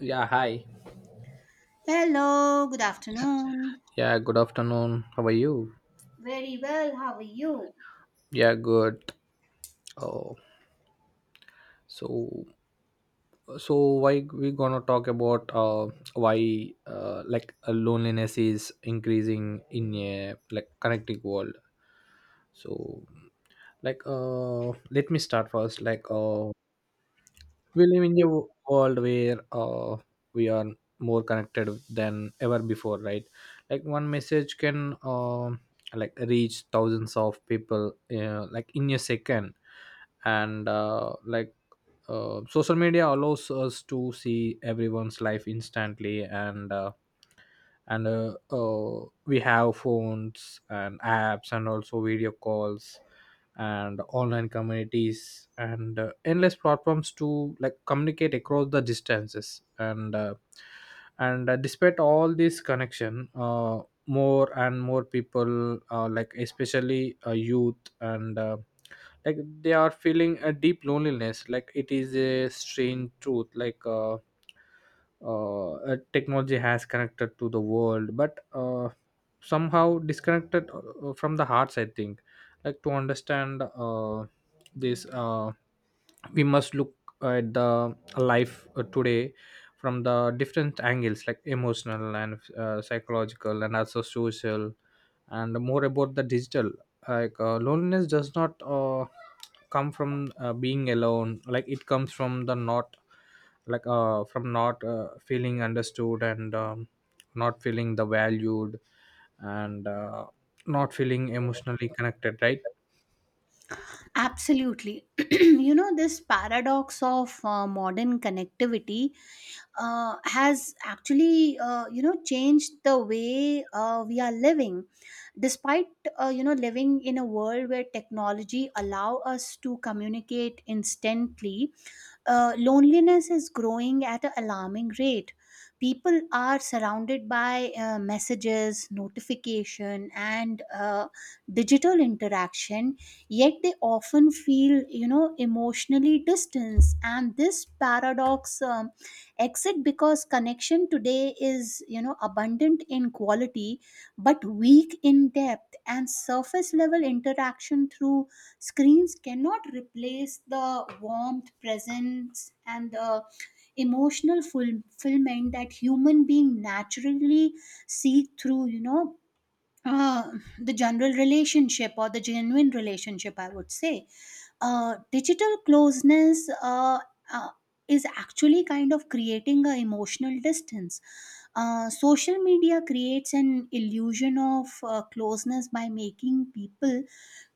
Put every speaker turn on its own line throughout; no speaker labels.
Yeah, hi.
Hello, good afternoon.
Yeah, good afternoon. How are you?
Very well, how are you?
Yeah, good. Oh, so so why we gonna talk about why loneliness is increasing in a like connecting world. So let me start first. We live in a world where we are more connected than ever before, right? Like one message can like reach thousands of people like in a second, and social media allows us to see everyone's life instantly, and we have phones and apps and also video calls and online communities and endless platforms to like communicate across the distances, and despite all this connection, more and more people, like especially youth, and like they are feeling a deep loneliness. Like it is a strange truth. Technology has connected to the world but somehow disconnected from the hearts, I think. Like to understand this, we must look at the life today from the different angles, like emotional and psychological and also social and more about the digital. Loneliness does not come from being alone. Like it comes from the not like from not feeling understood, and not feeling the valued, and not feeling emotionally connected, right?
Absolutely. This paradox of modern connectivity has actually, changed the way we are living. Despite, Living in a world where technology allow us to communicate instantly, loneliness is growing at an alarming rate. People are surrounded by messages, notification, and digital interaction, yet they often feel, emotionally distanced, and this paradox exit because connection today is, abundant in quality but weak in depth, and surface level interaction through screens cannot replace the warmth presence and the emotional fulfillment that human being naturally seek through uh, the general relationship or the genuine relationship, I would say. Digital closeness uh, is actually kind of creating an emotional distance. Social media creates an illusion of closeness by making people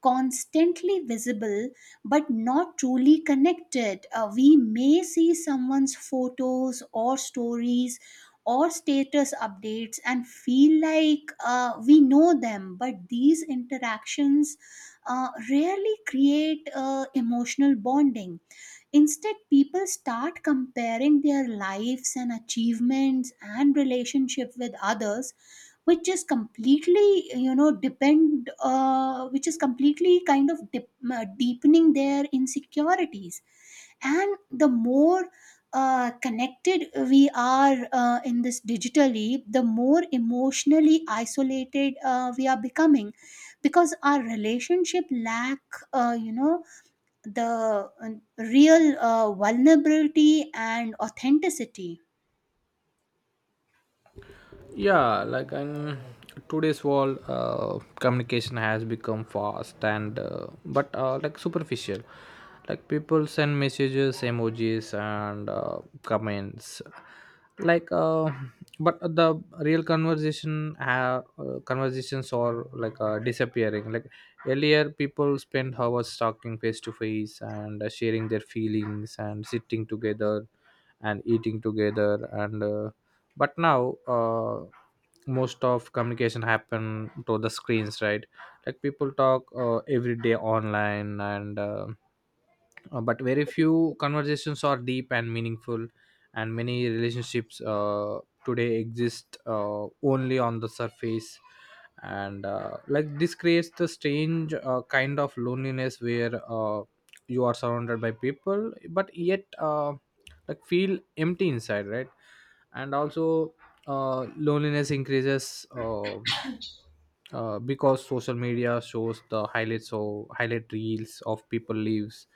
constantly visible but not truly connected. We may see someone's photos or stories or status updates and feel like we know them, but these interactions rarely create emotional bonding. Instead, people start comparing their lives and achievements and relationship with others, which is completely you know depend which is completely kind of deepening their insecurities. And the more connected we are in this digitally, the more emotionally isolated we are becoming, because our relationship lack you know the real vulnerability and authenticity.
Yeah, like in today's world, communication has become fast and but like superficial. Like people send messages, emojis and comments, like uh, but the real conversations are disappearing. Like earlier people spent hours talking face to face and sharing their feelings and sitting together and eating together, and but now, most of communication happen to the screens, right? Like people talk every day online, and but very few conversations are deep and meaningful, and many relationships today exist only on the surface. And like this creates the strange kind of loneliness where, you are surrounded by people but yet, like feel empty inside, right? And also, loneliness increases, because social media shows the highlights or highlight reels of people lives,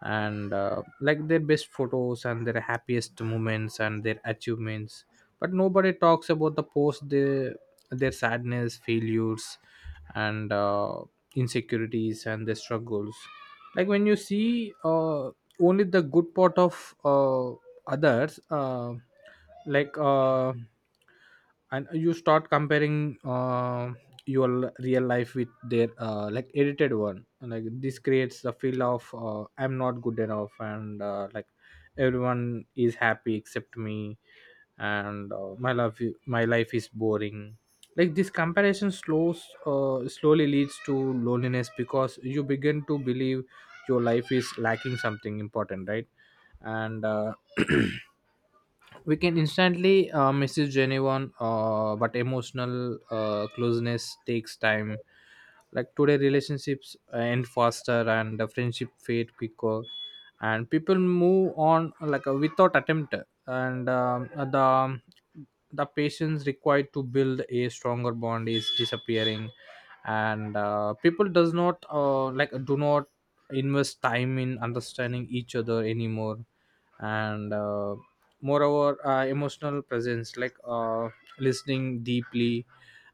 and like their best photos and their happiest moments and their achievements, but nobody talks about the post their sadness failures and insecurities and their struggles. Like when you see, only the good part of, others like uh, and you start comparing, your real life with their, like edited one. Like this creates the feel of, I'm not good enough, and like everyone is happy except me, and my life is boring. Like this comparison slows slowly leads to loneliness because you begin to believe your life is lacking something important, right? and We can instantly message anyone but emotional closeness takes time. Like today relationships end faster and the friendship fade quicker, and people move on like without attempt, and the the patience required to build a stronger bond is disappearing, and people does not like do not invest time in understanding each other anymore, and moreover, emotional presence, listening deeply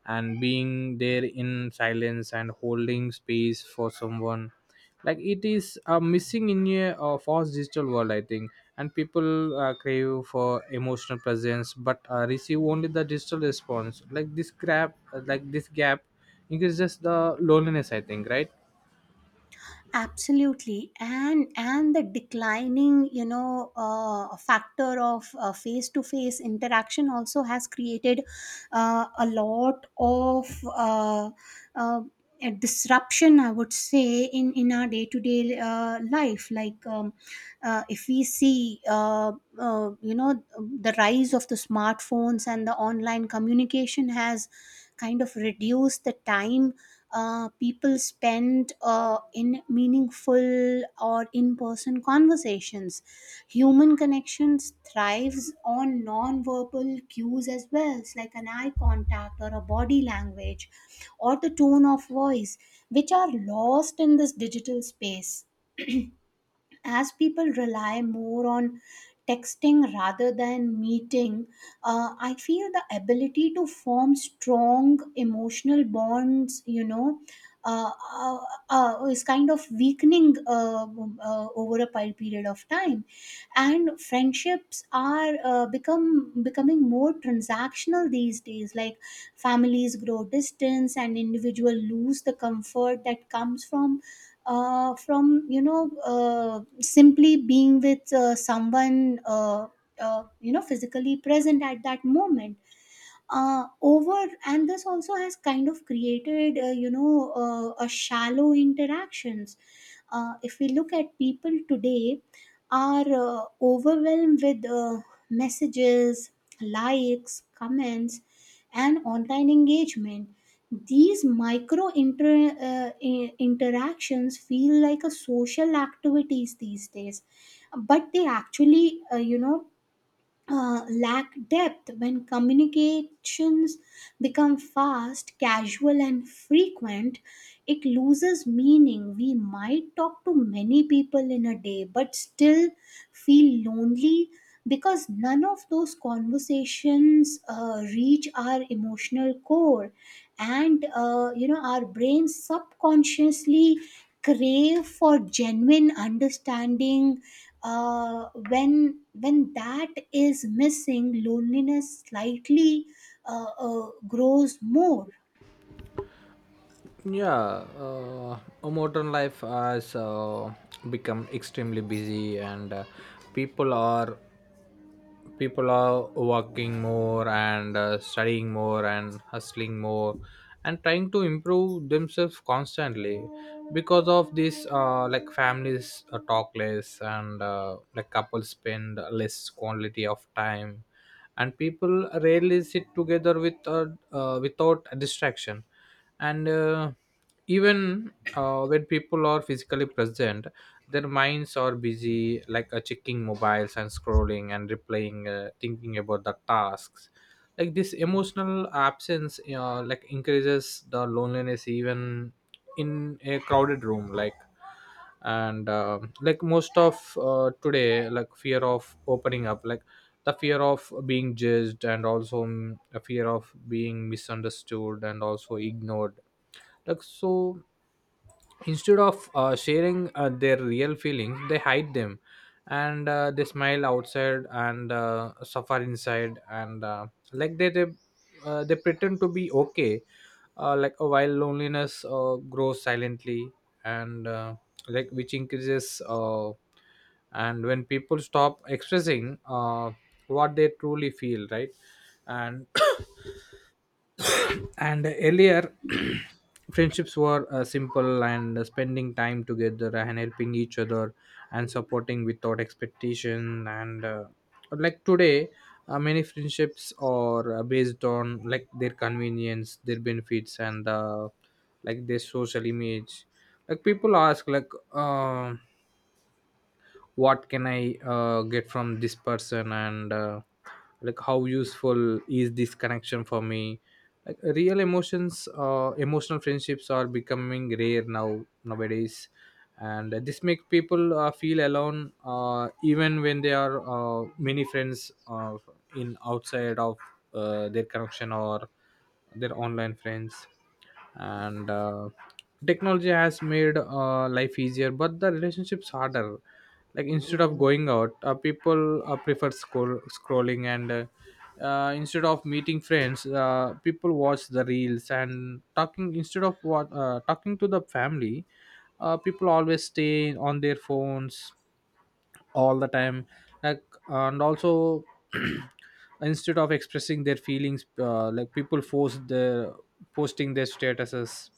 and being there in silence and holding space for someone, like it is missing in a fast digital world, I think. And people crave for emotional presence but receive only the digital response. This gap increases the loneliness, I think, right?
Absolutely. And the declining, factor of face-to-face interaction also has created a lot of uh, uh, a disruption, I would say, in our day-to-day life. Like if we see the rise of the smartphones and the online communication has kind of reduced the time people spend in meaningful or in-person conversations. Human connections thrives on non-verbal cues as well. It's like an eye contact or a body language or the tone of voice, which are lost in this digital space. As people rely more on texting rather than meeting, I feel the ability to form strong emotional bonds, uh, uh, is kind of weakening over a period of time, and friendships are become becoming more transactional these days. Like families grow distance, and individual lose the comfort that comes from simply being with someone physically present at that moment over. And this also has kind of created a shallow interactions. If we look at people today, are overwhelmed with messages, likes, comments, and online engagement. These micro interactions feel like a social activities these days, but they actually, lack depth. When communications become fast, casual, and frequent, it loses meaning. We might talk to many people in a day but still feel lonely, because none of those conversations reach our emotional core. And our brains subconsciously crave for genuine understanding. When that is missing, loneliness slightly grows more.
Yeah, a modern life has become extremely busy, and people are people are working more and studying more and hustling more and trying to improve themselves constantly. Because of this, like families talk less and like couples spend less quality of time, and people rarely sit together without a distraction, and even when people are physically present, their minds are busy, like checking mobiles and scrolling and replaying, thinking about the tasks. Like this emotional absence, like increases the loneliness even in a crowded room. Like most of today, like fear of opening up, like the fear of being judged and also a fear of being misunderstood and also ignored. Like so instead of sharing, their real feelings they hide them, and they smile outside and suffer inside, and like they they, they pretend to be okay, while loneliness grows silently, and like which increases and when people stop expressing what they truly feel, right? And and earlier friendships were simple and spending time together and helping each other and supporting without expectation, and like today many friendships are based on like their convenience, their benefits, and like their social image. Like people ask, what can I get from this person, and like how useful is this connection for me. Like real emotions uh, emotional friendships are becoming rare now, nowadays, and this makes people feel alone even when they are many friends, in outside of their connection or their online friends. And Technology has made life easier but the relationships harder. Like instead of going out, people prefer scrolling, and instead of meeting friends, people watch the reels and talking instead of what talking to the family. People always stay on their phones all the time. Like and also instead of expressing their feelings, like people force the posting their statuses.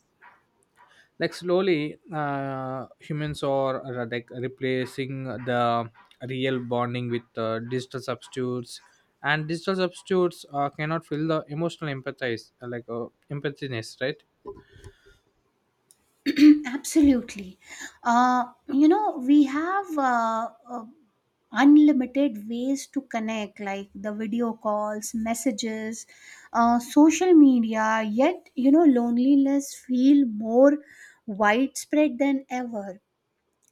Like slowly, humans are like replacing the real bonding with digital substitutes, and digital substitutes cannot fill the emotional empathize, empathiness, right?
Absolutely. We have unlimited ways to connect, like the video calls, messages, social media, yet, loneliness feel more widespread than ever.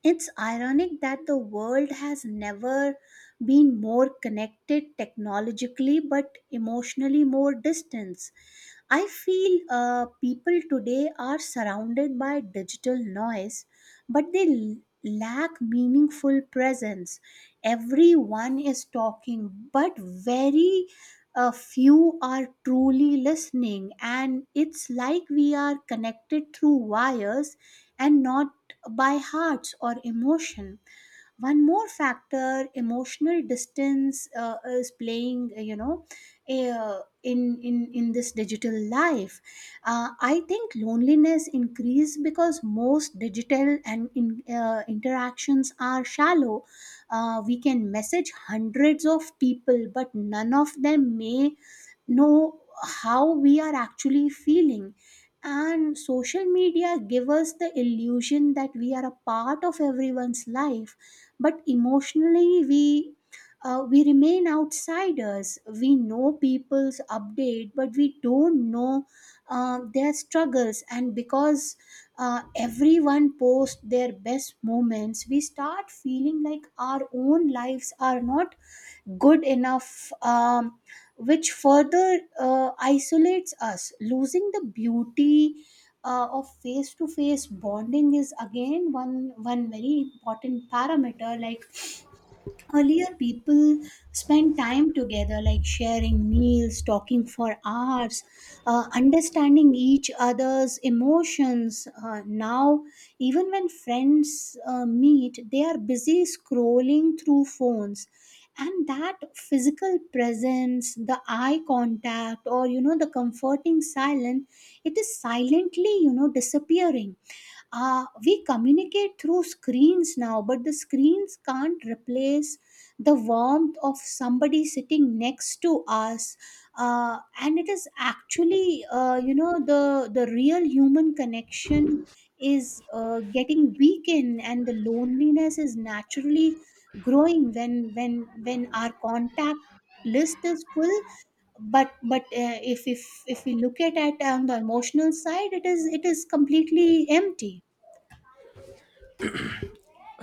It's ironic that the world has never been more connected technologically, but emotionally more distant. I feel people today are surrounded by digital noise, but they lack meaningful presence. Everyone is talking, but very few are truly listening. And it's like we are connected through wires and not by hearts or emotion. One more factor, emotional distance is playing, a, in this digital life. I think loneliness increased because most digital and interactions are shallow. We can message hundreds of people, but none of them may know how we are actually feeling. And social media give us the illusion that we are a part of everyone's life, but emotionally we remain outsiders. We know people's update, but we don't know their struggles. And because everyone posts their best moments, we start feeling like our own lives are not good enough, which further isolates us. Losing the beauty of face to face bonding is again one very important parameter. Like earlier people spent time together, like sharing meals, talking for hours, understanding each other's emotions. Now, even when friends meet, they are busy scrolling through phones, and that physical presence, the eye contact, or the comforting silence, it is silently, disappearing. We communicate through screens now, but the screens can't replace the warmth of somebody sitting next to us. And it is actually, the real human connection is getting weakened, and the loneliness is naturally growing, when our contact list is full, but if we look at it on the emotional side, it is completely empty.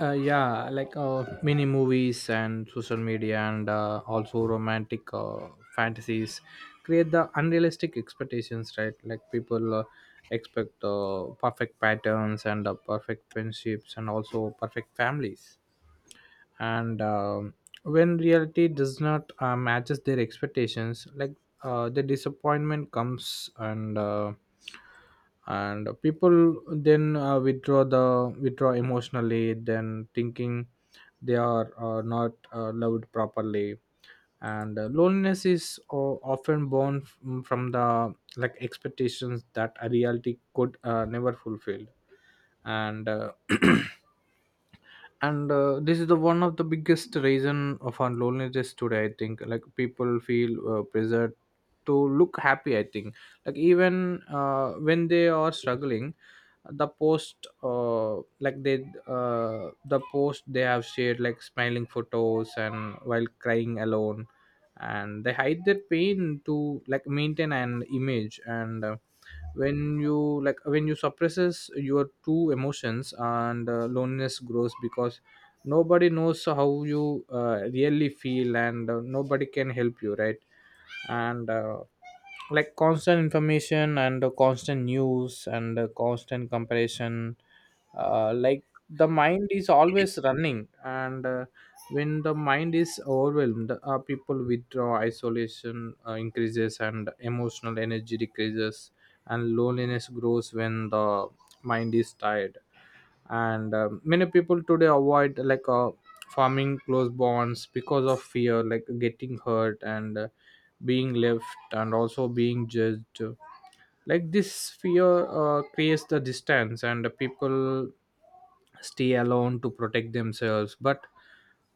Yeah, like mini movies and social media and also romantic fantasies create the unrealistic expectations, right? Like people expect perfect patterns and perfect friendships and also perfect families, and when reality does not matches their expectations, like the disappointment comes, and and people then withdraw emotionally, then thinking they are not loved properly, and loneliness is often born from the like expectations that a reality could never fulfill, and and this is the one of the biggest reason of our loneliness today, I think. Like people feel pressured to look happy, I think. Like even when they are struggling, the post uh, like they the post they have shared, like smiling photos, and while crying alone, and they hide their pain to like maintain an image, and when you like when you suppresses your true emotions, and loneliness grows because nobody knows how you really feel, and nobody can help you, right? and Like constant information and constant news and constant comparison, like the mind is always running, and when the mind is overwhelmed, people withdraw, isolation increases and emotional energy decreases, and loneliness grows when the mind is tired. And many people today avoid forming close bonds because of fear, like getting hurt, and being left and also being judged. Like this fear creates the distance and the people stay alone to protect themselves, but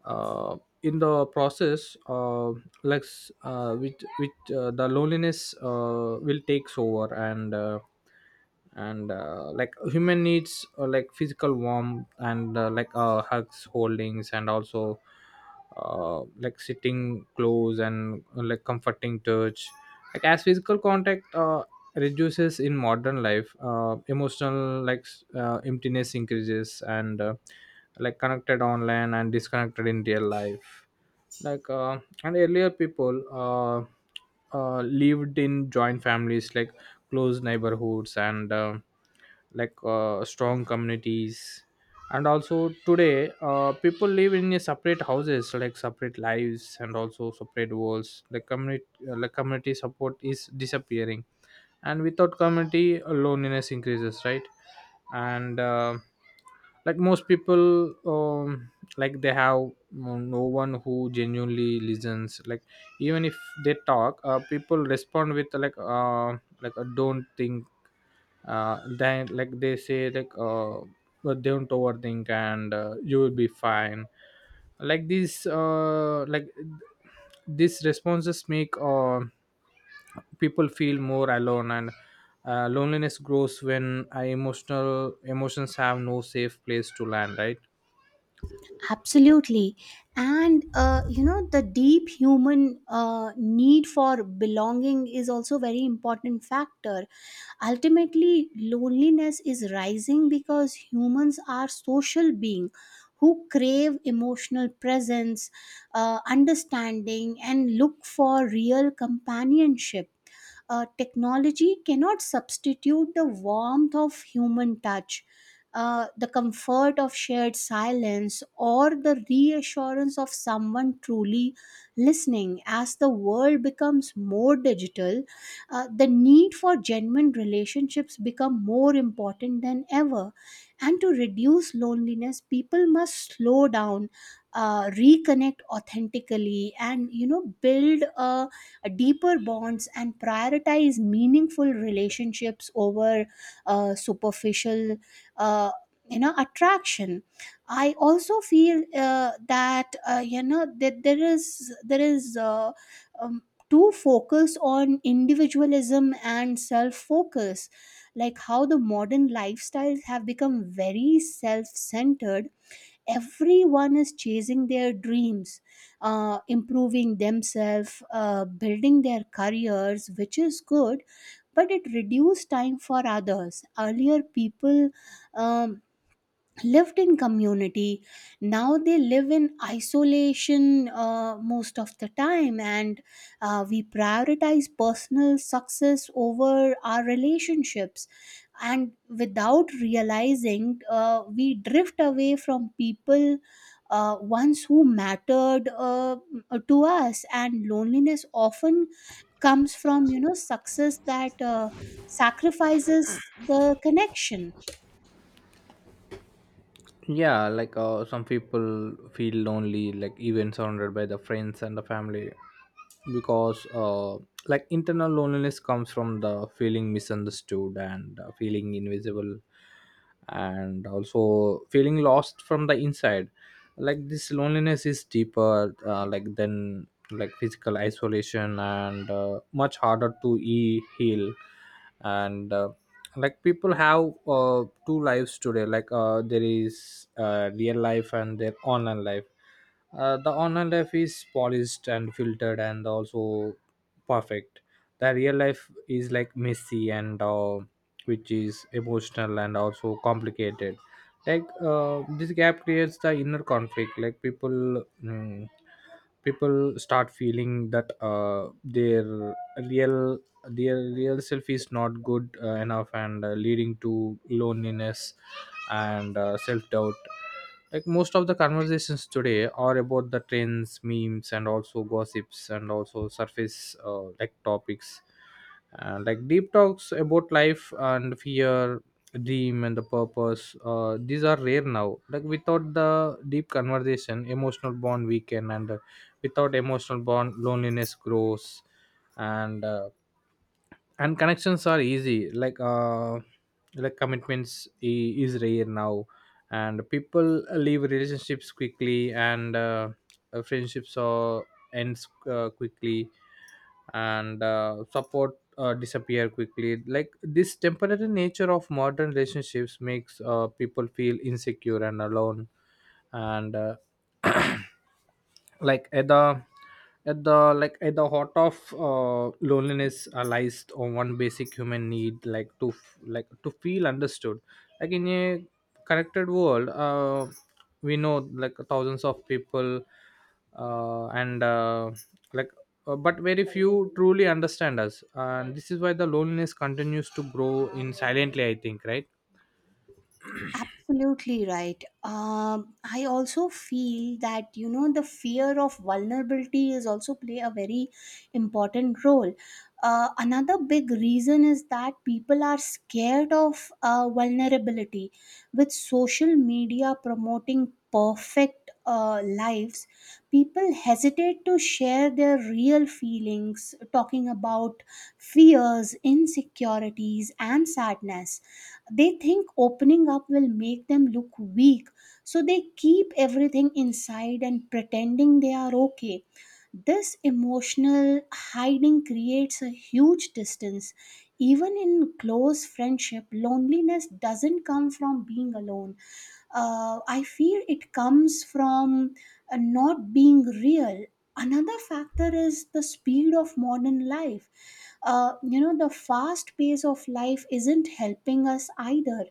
uh, in the process, like s- which the loneliness will takes over. And like human needs, like physical warmth and hugs, holdings, and also like sitting close, and like comforting touch. Like as physical contact reduces in modern life, emotional emptiness increases, and like connected online and disconnected in real life. And earlier people, lived in joint families, like close neighborhoods, and strong communities, and also today, people live in a separate houses, like separate lives and also separate worlds. The community, like community support is disappearing, and without community, loneliness increases, right? and Like most people, like they have no one who genuinely listens. Like even if they talk, people respond with like, don't think. Then like they say, like but don't overthink, and you will be fine. like these uh like these responses make people feel more alone, and loneliness grows when emotional emotions have no safe place to land, right?
Absolutely. And, the deep human need for belonging is also very important factor. Ultimately, loneliness is rising because humans are social beings who crave emotional presence, understanding, and look for real companionship. Technology cannot substitute the warmth of human touch, the comfort of shared silence, or the reassurance of someone truly listening. As the world becomes more digital, the need for genuine relationships become more important than ever. And to reduce loneliness, people must slow down, reconnect authentically, and build a deeper bonds, and prioritize meaningful relationships over superficial uh, attraction. I also feel that you know that there is um, too focus on individualism and self focus, like how the modern lifestyles have become very self centered. Everyone is chasing their dreams, improving themselves, building their careers, which is good, but it reduces time for others. Earlier, people um, lived in community. Now they live in isolation most of the time, and we prioritize personal success over our relationships, and without realizing, we drift away from people, ones who mattered to us. And loneliness often comes from, success that sacrifices the connection.
Yeah, like some people feel lonely like even surrounded by the friends and the family because, like internal loneliness comes from the feeling misunderstood, and feeling invisible, and also feeling lost from the inside. Like this loneliness is deeper like than like physical isolation and much harder to heal. And like people have two lives today. Like there is real life and their online life. The online life is polished and filtered and also perfect. The real life is like messy and which is emotional and also complicated. Like this gap creates the inner conflict. Like people people start feeling that their real the real self is not good enough and leading to loneliness and self-doubt. Like most of the conversations today are about the trends, memes and also gossips and also surface like topics. And like deep talks about life and fear, dream and the purpose, these are rare now. Like without the deep conversation emotional bond weaken, and without emotional bond loneliness grows. And uh, and connections are easy like commitments is rare now, and people leave relationships quickly and friendships are ends quickly and support disappear quickly. Like this temporary nature of modern relationships makes people feel insecure and alone. And like at the like at the heart of loneliness lies on one basic human need, like to like to feel understood. Like in a connected world, we know like thousands of people, and like but very few truly understand us. And this is why the loneliness continues to grow in silently, I think, right?
Absolutely right. I also feel that the fear of vulnerability is also play a very important role. Another big reason is that people are scared of vulnerability. With social media promoting perfect lives, people hesitate to share their real feelings, talking about fears, insecurities, and sadness. They think opening up will make them look weak, so they keep everything inside and pretending they are okay. This emotional hiding creates a huge distance. Even in close friendship, loneliness doesn't come from being alone. I feel it comes from not being real. Another factor is the speed of modern life. The fast pace of life isn't helping us either.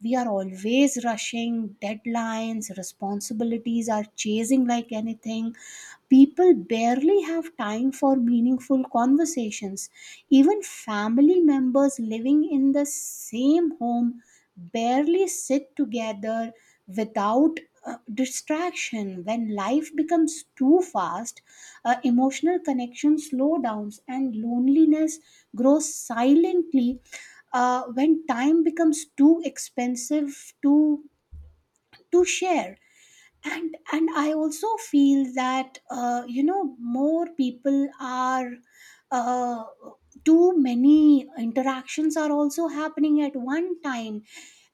We are always rushing. Deadlines, responsibilities are chasing like anything. People barely have time for meaningful conversations. Even family members living in the same home barely sit together without uh, distraction. When life becomes too fast, emotional connection slow downs and loneliness grows silently, when time becomes too expensive to share. And I also feel that, more people are uh, too many interactions are also happening at one time,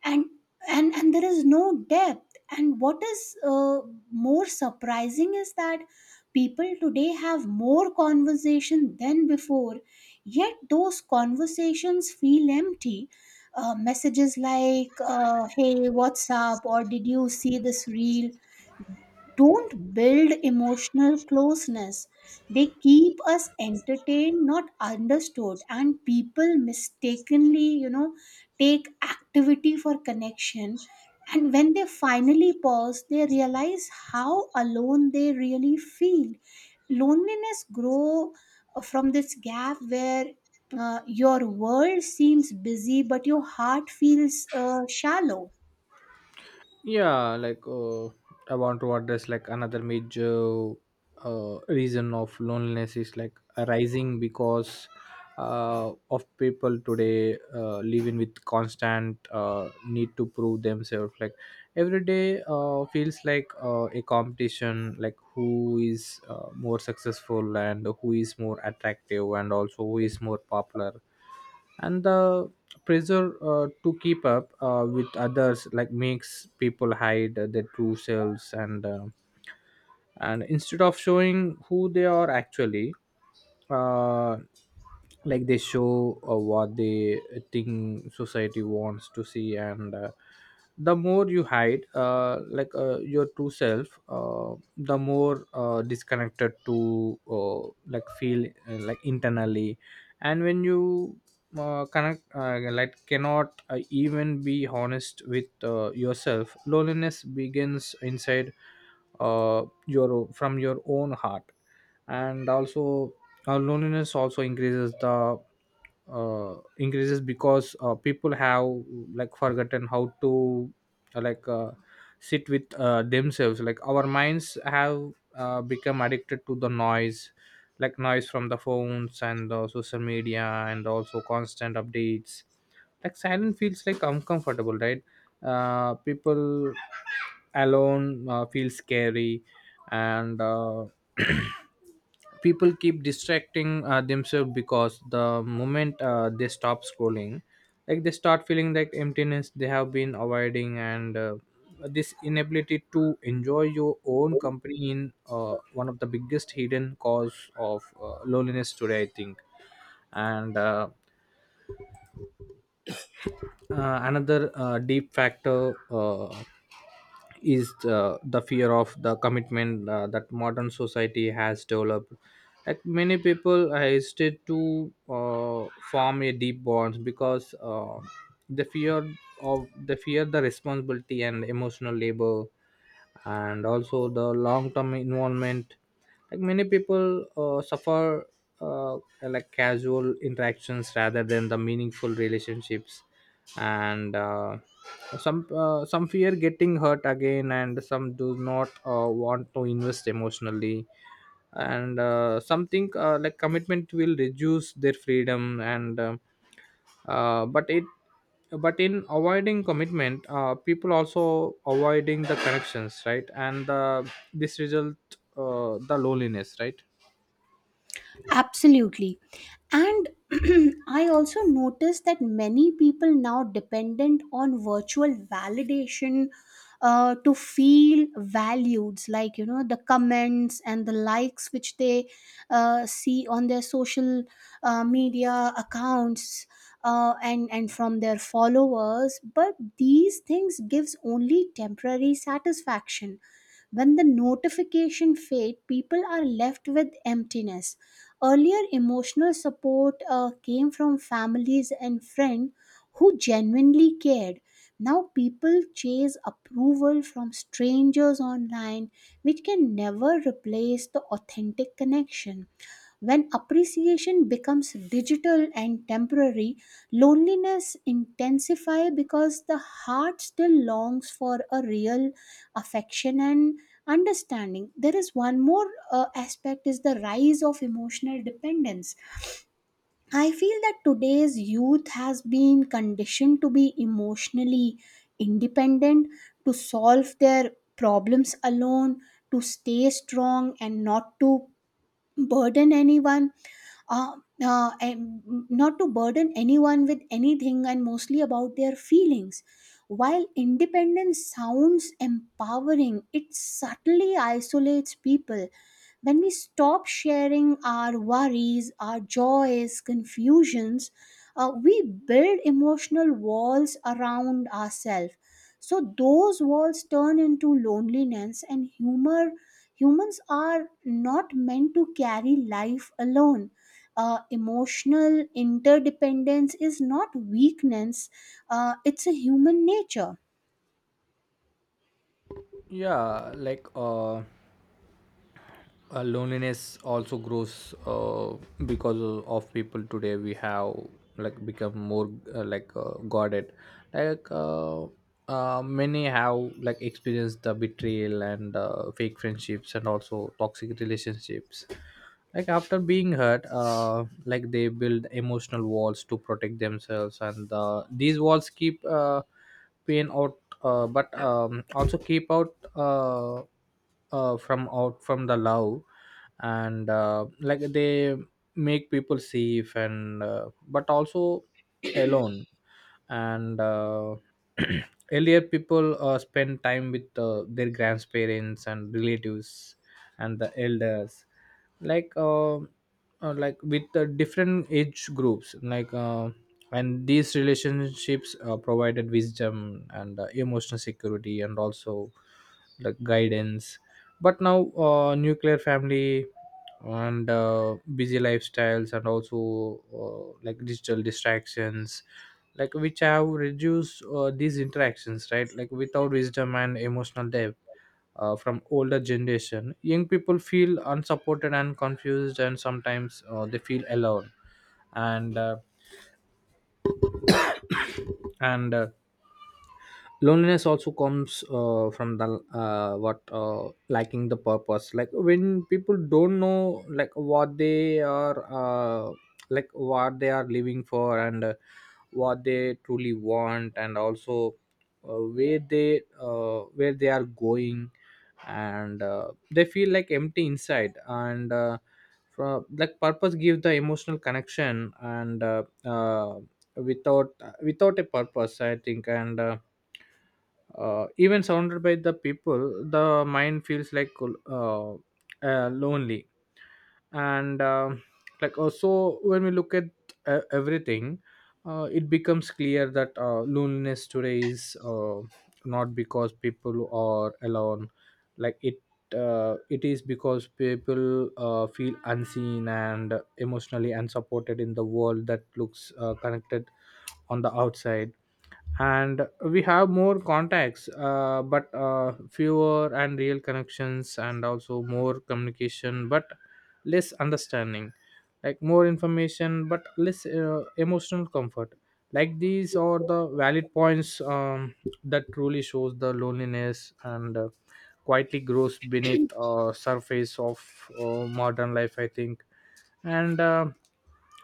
and there is no depth. And what is more surprising is that people today have more conversation than before, yet those conversations feel empty. Messages like, hey, what's up, or did you see this reel, don't build emotional closeness. They keep us entertained, not understood. And people mistakenly, take activity for connection. And when they finally pause, they realize how alone they really feel. Loneliness grow from this gap where your world seems busy, but your heart feels shallow.
Yeah. I want to address like another major reason of loneliness is like arising because of people today living with constant need to prove themselves. Like every day feels like a competition, like who is more successful and who is more attractive and also who is more popular. And the pressure to keep up with others like makes people hide their true selves, and and instead of showing who they are actually, uh, like they show what they think society wants to see, and the more you hide your true self, the more disconnected to like feel like internally. And when you connect like cannot even be honest with yourself, loneliness begins inside your from your own heart. And also loneliness also increases the increases because people have like forgotten how to uh, like uh, sit with themselves. Like our minds have become addicted to the noise, like noise from the phones and the social media and also constant updates. Like silence feels like uncomfortable, right? People alone feel scary and people keep distracting themselves because the moment they stop scrolling, like they start feeling like emptiness they have been avoiding. And this inability to enjoy your own company in one of the biggest hidden cause of loneliness today, I think. And another deep factor is the fear of the commitment that modern society has developed. Like many people hesitate to form a deep bond because the fear of the fear, the responsibility and emotional labor and also the long-term involvement. Like many people suffer uh, like casual interactions rather than the meaningful relationships, and some fear getting hurt again and some do not want to invest emotionally, and something like commitment will reduce their freedom, and but it but in avoiding commitment people also avoiding the connections, right? and this result the loneliness, right?
Absolutely. And I also noticed that many people now dependent on virtual validation to feel valued, like, the comments and the likes, which they see on their social media accounts, and from their followers. But these things gives only temporary satisfaction. When the notification fade, people are left with emptiness. Earlier, emotional support came from families and friends who genuinely cared. Now, people chase approval from strangers online, which can never replace the authentic connection. When appreciation becomes digital and temporary, loneliness intensifies because the heart still longs for a real affection and understanding. There is one more aspect is the rise of emotional dependence. I feel that today's youth has been conditioned to be emotionally independent, to solve their problems alone, to stay strong and not to burden anyone uh, and not to burden anyone with anything, and mostly about their feelings. While independence sounds empowering, it subtly isolates people. When we stop sharing our worries, our joys, confusions, we build emotional walls around ourselves. So those walls turn into loneliness and humor. Humans are not meant to carry life alone. Emotional interdependence is not weakness, it's a human nature.
Yeah. Loneliness also grows because of people today we have like become more guarded. like uh, many have like experienced the betrayal and fake friendships and also toxic relationships. Like after being hurt, like they build emotional walls to protect themselves, and these walls keep pain out, but also keep out from out from the love, and like they make people safe and but also alone. And earlier people spend time with their grandparents and relatives and the elders, like uh, like with the different age groups, and these relationships provided wisdom and emotional security and also like guidance. But now nuclear family and busy lifestyles and also like digital distractions, like which have reduced these interactions, right? Like without wisdom and emotional depth from older generation, young people feel unsupported and confused and sometimes they feel alone. And uh, and uh, loneliness also comes from the what lacking the purpose. Like when people don't know like what they are like what they are living for and what they truly want and also where they are going, and they feel like empty inside, and from like purpose gives the emotional connection and without without a purpose, I think, and even surrounded by the people the mind feels like uh, lonely. And like also when we look at everything, it becomes clear that loneliness today is not because people are alone. like it it is because people feel unseen and emotionally unsupported in the world that looks connected on the outside. And we have more contacts but fewer and real connections and also more communication but less understanding. Like more information but less emotional comfort. Like these are the valid points, that truly shows the loneliness and quietly grows beneath surface of modern life, I think. And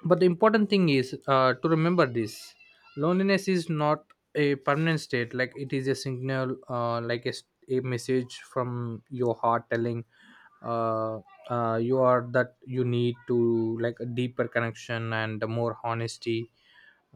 but the important thing is to remember this. Loneliness is not a permanent state. Like it is a signal, like a, a message from your heart telling uh, you are that you need to like a deeper connection and more honesty,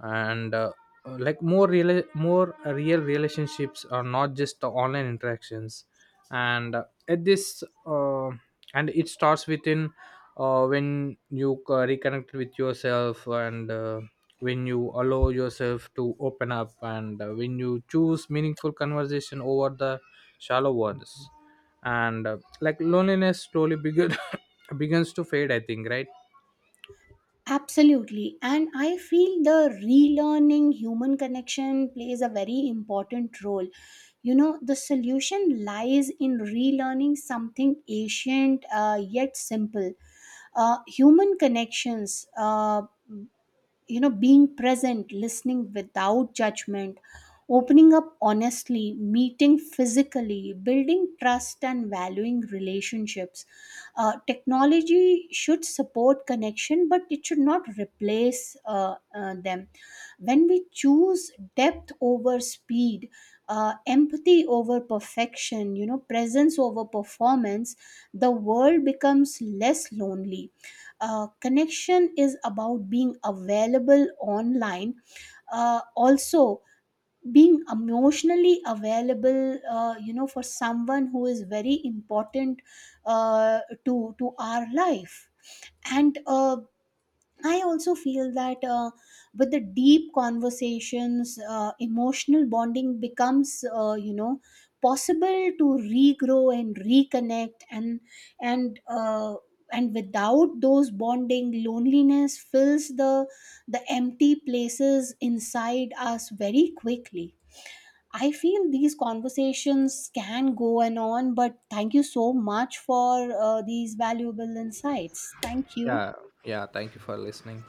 and like more real relationships are not just the online interactions. And uh, at this uh, and it starts within, when you reconnect with yourself, and when you allow yourself to open up, and when you choose meaningful conversation over the shallow ones, and like loneliness slowly begins to fade, I think, right?
Absolutely. And I feel the relearning human connection plays a very important role. The solution lies in relearning something ancient yet simple. Human connections. Being present, listening without judgment, opening up honestly, meeting physically, building trust, and valuing relationships. Technology should support connection, but it should not replace them. When we choose depth over speed, empathy over perfection, presence over performance, the world becomes less lonely. Connection is about being available online, also being emotionally available, for someone who is very important to our life. And I also feel that with the deep conversations, emotional bonding becomes, possible to regrow and reconnect. And and uh, and without those bonding, loneliness fills the empty places inside us very quickly. I feel these conversations can go on, but thank you so much for these valuable insights. Thank you.
Yeah. Yeah, thank you for listening.